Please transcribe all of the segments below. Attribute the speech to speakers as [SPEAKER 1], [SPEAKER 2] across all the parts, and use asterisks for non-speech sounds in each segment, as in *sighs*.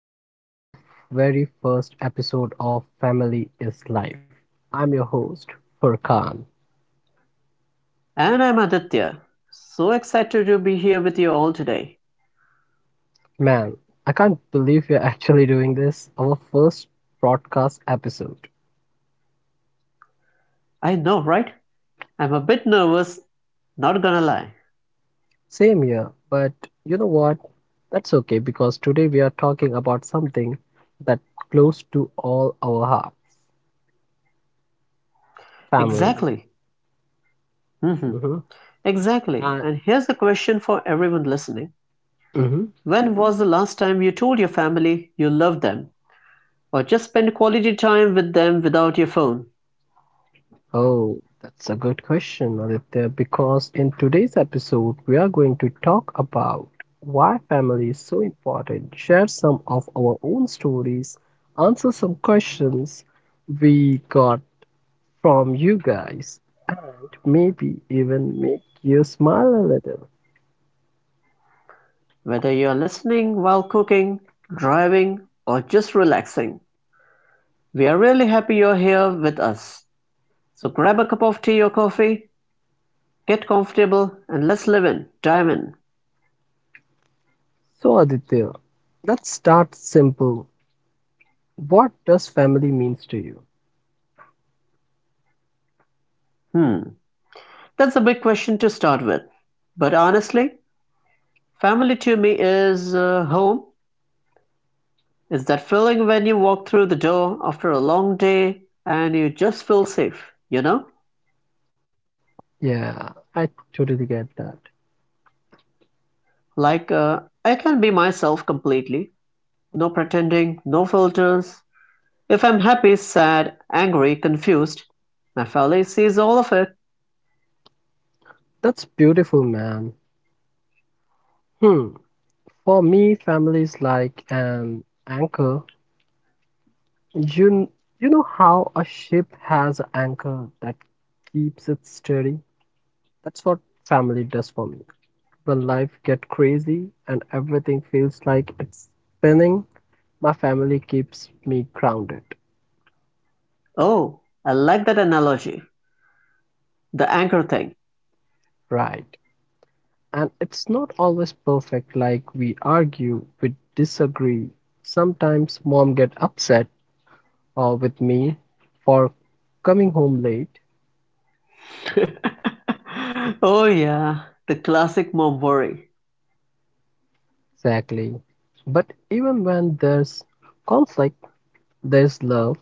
[SPEAKER 1] Welcome to our very first episode of Family is Life. I'm your host, Furkan.
[SPEAKER 2] And I'm Aditya. So excited to be here with you all today.
[SPEAKER 1] Man, I can't believe you're *laughs* actually doing this, our first broadcast episode.
[SPEAKER 2] I know, right? I'm a bit nervous, not gonna lie.
[SPEAKER 1] Same here, but you know what? That's okay because today we are talking about something that close to all our hearts, family.
[SPEAKER 2] Exactly. Mhm.
[SPEAKER 1] Mm-hmm.
[SPEAKER 2] Exactly.
[SPEAKER 1] And
[SPEAKER 2] And here's a question for everyone listening.
[SPEAKER 1] mhm.
[SPEAKER 2] When was the last time you told your family you love them or just spent quality time with them without your phone?
[SPEAKER 1] Oh, that's a good question, Aditya, because in today's episode, we are going to talk about why family is so important, share some of our own stories, answer some questions we got from you guys, and maybe even make you smile a little.
[SPEAKER 2] Whether you're listening while cooking, driving, or just relaxing, we are really happy you're here with us. So grab a cup of tea or coffee, get comfortable, and dive in.
[SPEAKER 1] So, Aditya, let's start simple. What does family means to you?
[SPEAKER 2] Hmm, that's a big question to start with. But honestly, family to me is home. It's that feeling when you walk through the door after a long day and you just feel safe,
[SPEAKER 1] Yeah, I totally get that.
[SPEAKER 2] Like, I can be myself completely. No pretending, no filters. If I'm happy, sad, angry, confused, my family sees all of it.
[SPEAKER 1] That's beautiful, man. Hmm. For me, family is like an anchor. You, kn- you know how a ship has an anchor that keeps it steady? That's what family does for me. When life gets crazy and everything feels like it's spinning, my family keeps me grounded.
[SPEAKER 2] Oh, I like that analogy. The anchor thing.
[SPEAKER 1] Right. And it's not always perfect, like we argue, we disagree. Sometimes mom get upset or with me for coming home late.
[SPEAKER 2] *laughs* Oh, yeah. The classic mom worry,
[SPEAKER 1] Exactly. But even when there's conflict, there's love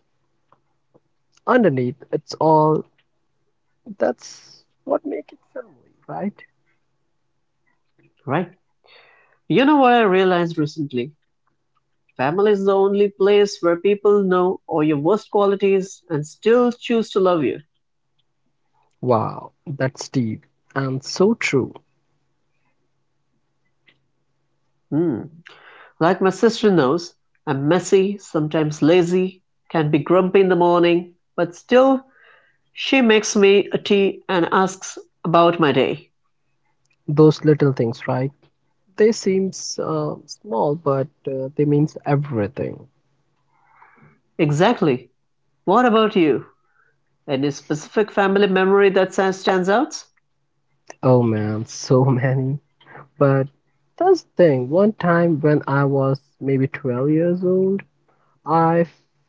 [SPEAKER 1] underneath. It's all that's what makes it family, right?
[SPEAKER 2] right? You know what I realized recently? Family is the only place where people know all your worst qualities and still choose to love you.
[SPEAKER 1] Wow, that's deep and so true.
[SPEAKER 2] Hmm. Like my sister knows, I'm messy, sometimes lazy, can be grumpy in the morning, but still she makes me a tea and asks about my day.
[SPEAKER 1] Those little things, right? They seem small, but they means everything.
[SPEAKER 2] Exactly. What about you? Any specific family memory that stands out?
[SPEAKER 1] Oh man, *laughs* so many. But that's the thing. One time when I was maybe 12 years old, I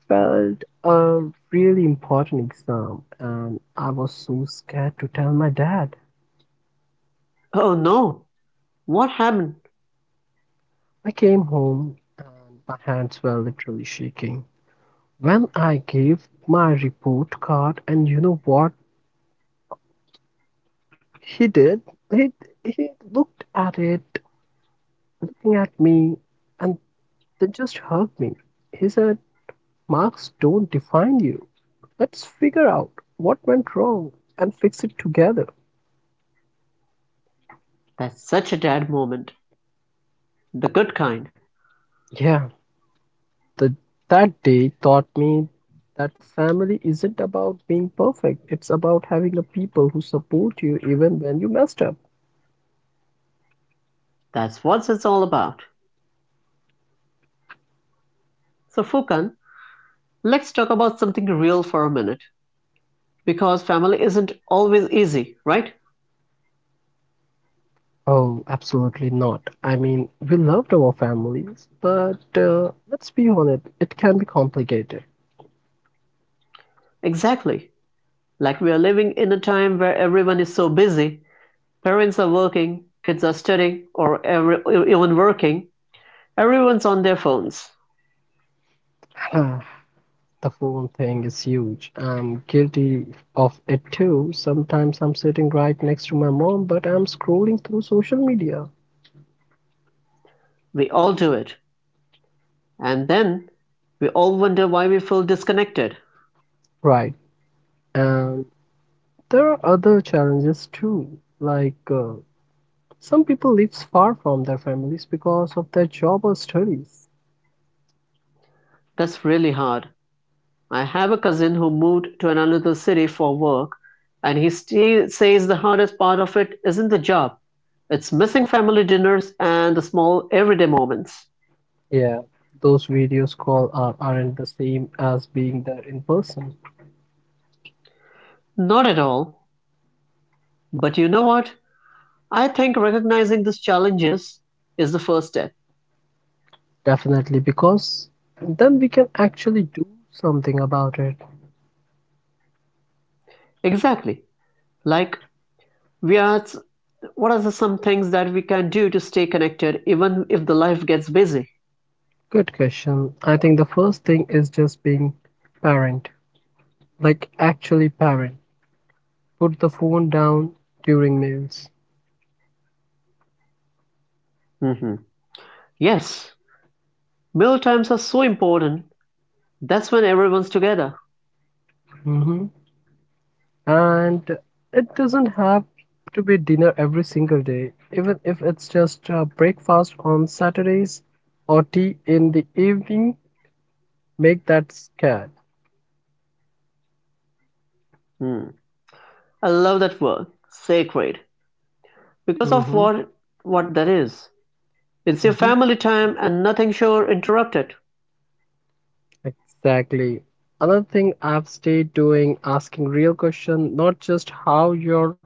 [SPEAKER 1] failed a really important exam and I was so scared to tell my dad.
[SPEAKER 2] Oh no. What happened?
[SPEAKER 1] I came home and my hands were literally shaking. When I gave my report card, and you know what he did? He, he looked at it, looking at me, and then just hugged me. He said, Marks don't define you. Let's figure out what went wrong and fix it together.
[SPEAKER 2] That's such a dad moment. The good kind.
[SPEAKER 1] Yeah, The, that day taught me that family isn't about being perfect, it's about having a people who support you even when you messed up.
[SPEAKER 2] That's what it's all about. So, Fukan, let's talk about something real for a minute. Because family isn't always easy, right?
[SPEAKER 1] Oh, absolutely not. I mean, we loved our families, but let's be honest, it can be complicated.
[SPEAKER 2] Exactly. Like we are living in a time where everyone is so busy, parents are working, kids are studying, or even working, everyone's on their phones.
[SPEAKER 1] *sighs* The phone thing is huge. I'm guilty of it too. Sometimes I'm sitting right next to my mom, but I'm scrolling through social media.
[SPEAKER 2] We all do it. And then we all wonder why we feel disconnected.
[SPEAKER 1] Right. And there are other challenges too, like some people lives far from their families because of their job or studies.
[SPEAKER 2] That's really hard. I have a cousin who moved to another city for work, and says the hardest part of it isn't the job, it's missing family dinners and the small everyday moments.
[SPEAKER 1] Yeah, those videos call are, aren't the same as being there in person.
[SPEAKER 2] Not at all. But you know what? I think recognizing these challenges is the first step.
[SPEAKER 1] Definitely, because then we can actually do something about it.
[SPEAKER 2] Exactly. Like we are what are the some things that we can do to stay connected even if the life gets busy?
[SPEAKER 1] Good question. I think the first thing is just being parent, like actually parent. Put the phone down during meals.
[SPEAKER 2] Hmm. Yes. Meal times are so important. That's when everyone's together.
[SPEAKER 1] Mhm. And it doesn't have to be dinner every single day, even if it's just breakfast on Saturdays or tea in the evening, make that scared.
[SPEAKER 2] Hmm. I love that word, sacred. Because of
[SPEAKER 1] mm-hmm,
[SPEAKER 2] what that is. It's your
[SPEAKER 1] mm-hmm.
[SPEAKER 2] family time and nothing shall interrupt it.
[SPEAKER 1] Exactly. Another thing I've stayed doing, asking real question, not just how your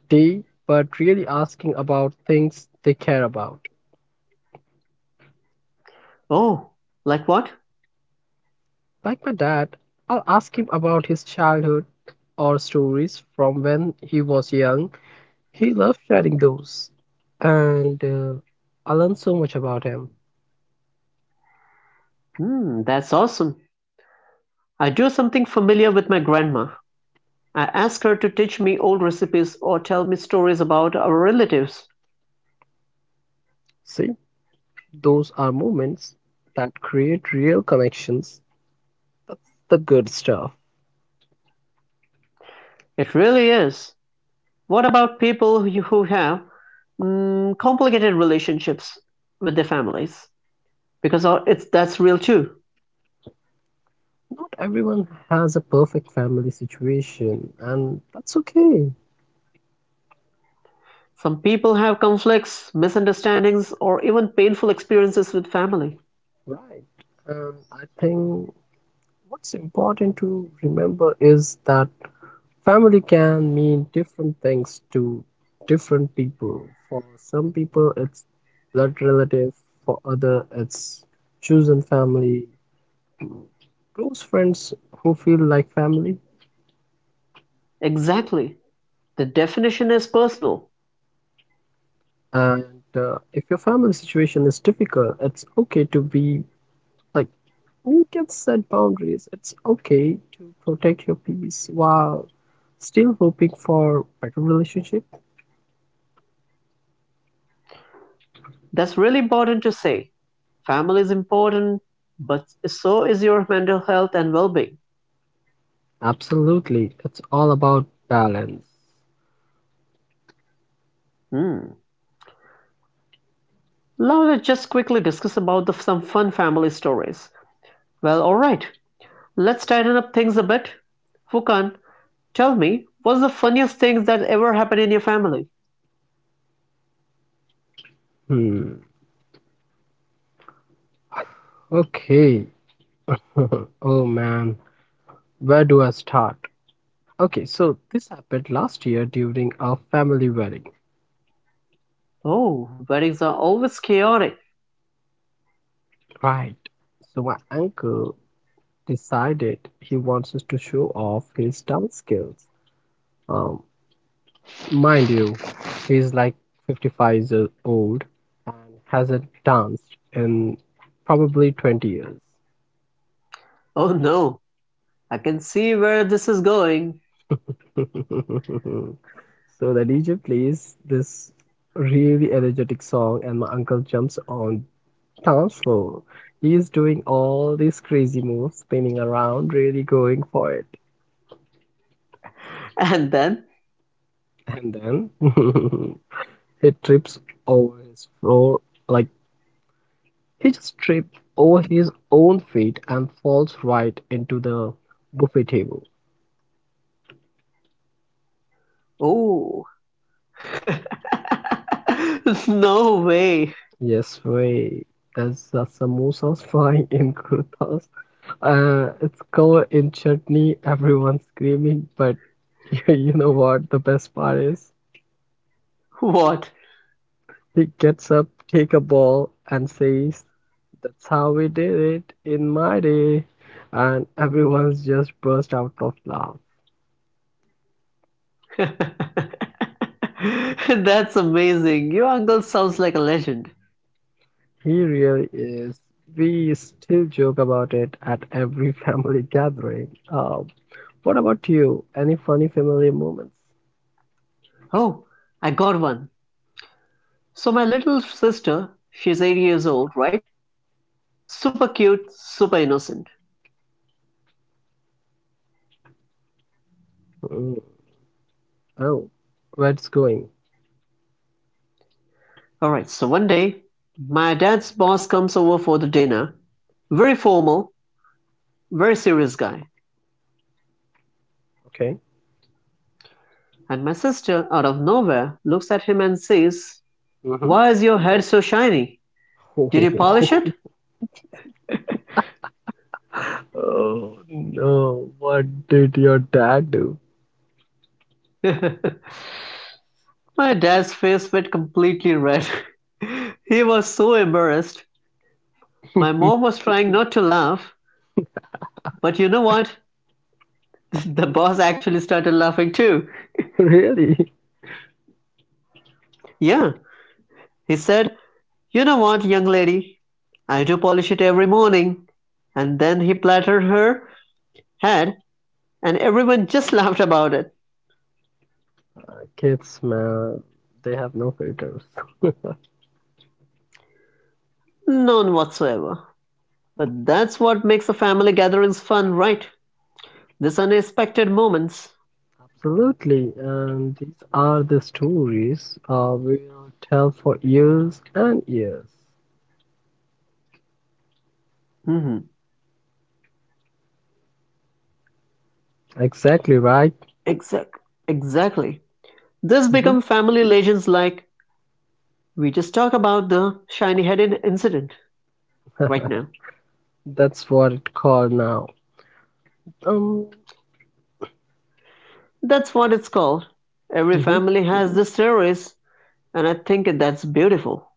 [SPEAKER 1] day, but really asking about things they care about.
[SPEAKER 2] Oh, like what?
[SPEAKER 1] Like my dad, I'll ask him about his childhood or stories from when he was young. He loved sharing those. And I learned so much about him.
[SPEAKER 2] Hmm, that's awesome. I do something familiar with my grandma. I ask her to teach me old recipes or tell me stories about our relatives.
[SPEAKER 1] See, those are moments that create real connections. That's the good stuff.
[SPEAKER 2] It really is. What about people who have complicated relationships with their families? Because it's that's real too.
[SPEAKER 1] Not everyone has a perfect family situation, and that's okay,
[SPEAKER 2] Some people have conflicts, misunderstandings, or even painful experiences with family.
[SPEAKER 1] right? And I think what's important to remember is that family can mean different things to different people. For some people, it's blood relative. For other, it's chosen family, close friends who feel like family.
[SPEAKER 2] Exactly. The definition is personal.
[SPEAKER 1] And if your family situation is difficult, it's okay to be like, you can set boundaries. It's okay to protect your peace while still hoping for better relationship.
[SPEAKER 2] That's really important to say. Family is important, but so is your mental health and well-being.
[SPEAKER 1] Absolutely, it's all about balance.
[SPEAKER 2] Hmm. Now let's just quickly discuss about some fun family stories. Well, all right. Let's tighten up things a bit. Fukan, tell me, what's the funniest thing that ever happened in your family?
[SPEAKER 1] Hmm. Okay. *laughs* Oh man, where do I start? Okay, so this happened last year during our family wedding.
[SPEAKER 2] Oh, weddings are always chaotic.
[SPEAKER 1] Right. So my uncle decided he wants us to show off his dance skills. Um, Mind you, he's like 55 years old and hasn't danced in probably 20 years.
[SPEAKER 2] Oh no, I can see where this is going.
[SPEAKER 1] *laughs* So the DJ plays this really energetic song, and my uncle jumps on Counselor. He's doing all these crazy moves, spinning around, really going for it.
[SPEAKER 2] And then,
[SPEAKER 1] And then *laughs* he trips over his floor, like he just tripped over his own feet and falls right into the buffet table.
[SPEAKER 2] oh, *laughs* no way.
[SPEAKER 1] Yes, way. That's the samosas flying *laughs* in kurtas. It's covered in chutney, everyone's screaming, but *laughs* you know what the best part is?
[SPEAKER 2] What?
[SPEAKER 1] He gets up, take a ball, and says, That's how we did it in my day. And everyone's just burst out of laugh.
[SPEAKER 2] *laughs* That's amazing. Your uncle sounds like a legend.
[SPEAKER 1] He really is. We still joke about it at every *laughs* family gathering. What about you? Any funny family moments?
[SPEAKER 2] Oh, I got one. So my little sister, she's 8 years old, right? Super cute, super innocent.
[SPEAKER 1] Mm, Oh, where it's going?
[SPEAKER 2] All right, so one day, my dad's boss comes over for the dinner. Very formal, very serious guy.
[SPEAKER 1] Okay.
[SPEAKER 2] And my sister, out of nowhere, looks at him and says,
[SPEAKER 1] Mm-hmm.
[SPEAKER 2] why is your head so shiny? Did you polish it?
[SPEAKER 1] *laughs* Oh no, what did your dad do?
[SPEAKER 2] *laughs* My dad's face went completely red. *laughs* He was so embarrassed. My
[SPEAKER 1] *laughs*
[SPEAKER 2] mom was trying not to laugh, but you know what? *laughs* The boss actually started laughing too.
[SPEAKER 1] Really?
[SPEAKER 2] Yeah, he said, you know what, young lady? I do polish it every morning. And then he patted her head, and everyone just *laughs* laughed about it.
[SPEAKER 1] Kids, man, they have no filters.
[SPEAKER 2] None whatsoever. But that's what makes the family gatherings fun, right? These unexpected moments.
[SPEAKER 1] Absolutely, and these are the stories we will tell for years and years.
[SPEAKER 2] Hmm.
[SPEAKER 1] Exactly right.
[SPEAKER 2] Exact. Exactly. This
[SPEAKER 1] Hmm.
[SPEAKER 2] become family legends like we just talk about the shiny headed incident right now.
[SPEAKER 1] *laughs* That's what it's called now. Um,
[SPEAKER 2] That's what it's called. Every
[SPEAKER 1] mhm.
[SPEAKER 2] family has the stories, and I think that's beautiful.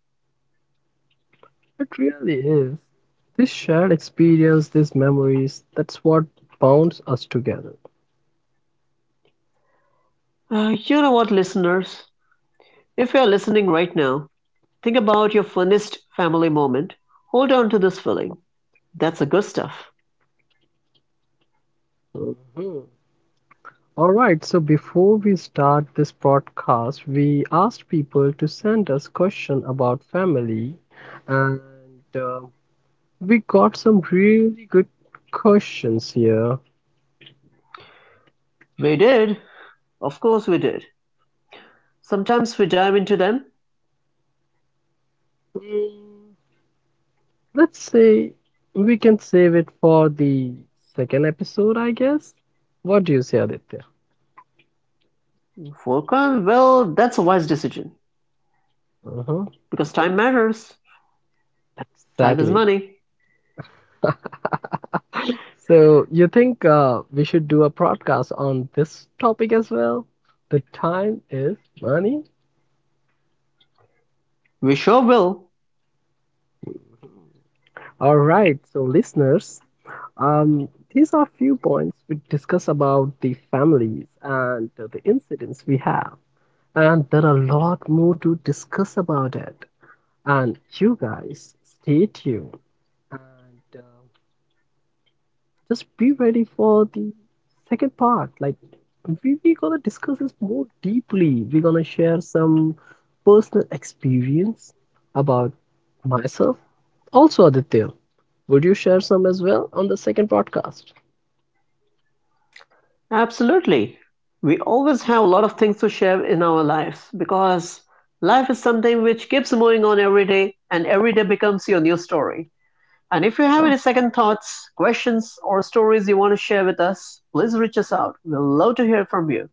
[SPEAKER 1] It really is. This shared experience, these memories, that's what bonds us together.
[SPEAKER 2] You know what, listeners? If you're listening right now, think about your funnest family moment. Hold on to this feeling. That's the good stuff.
[SPEAKER 1] Mhm. All right, so before we start this podcast, we asked people to send us questions about family and uh, we got some really good questions here.
[SPEAKER 2] We did. Of course, we did. Sometimes we dive into them.
[SPEAKER 1] Mm, Let's say we can save it for the second episode, I guess. What do you say, Aditya?
[SPEAKER 2] Volkan, well, that's a wise decision.
[SPEAKER 1] Uh-huh.
[SPEAKER 2] Because time matters. Time is
[SPEAKER 1] Exactly.
[SPEAKER 2] money.
[SPEAKER 1] So you think we should do a podcast on this topic as well? The time is money.
[SPEAKER 2] We sure will.
[SPEAKER 1] All right, so listeners, um, these are few points we discuss about the families and the incidents we have. And there are a lot more to discuss about it. And you guys, stay tuned and just be ready for the second part. Like, we gonna discuss this more deeply. We're gonna share some personal experience about myself. Also, Aditya, would you share some as well on the second podcast?
[SPEAKER 2] Absolutely. We always have a lot of things to share in our lives because life is something which keeps moving on every day and every day becomes your new story. And if you have
[SPEAKER 1] Oh.
[SPEAKER 2] any second thoughts, questions, or stories you want to share with us, please reach us out. We'd love to hear from you.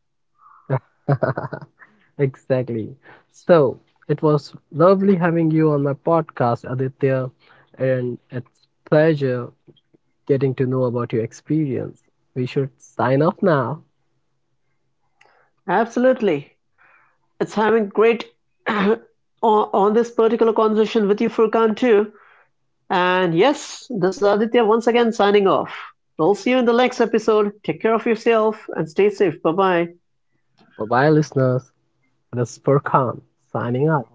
[SPEAKER 1] *laughs* Exactly. So it was lovely having you on my podcast, Aditya, and it's pleasure getting to know about your experience. We should sign off now.
[SPEAKER 2] Absolutely. It's having great *clears throat* on, on this particular conversation with you, Furkan, too. And yes, this is Aditya once again signing off. We'll see you in the next episode. Take care of yourself and stay safe. Bye bye.
[SPEAKER 1] Bye bye, listeners. This is Furkan signing off.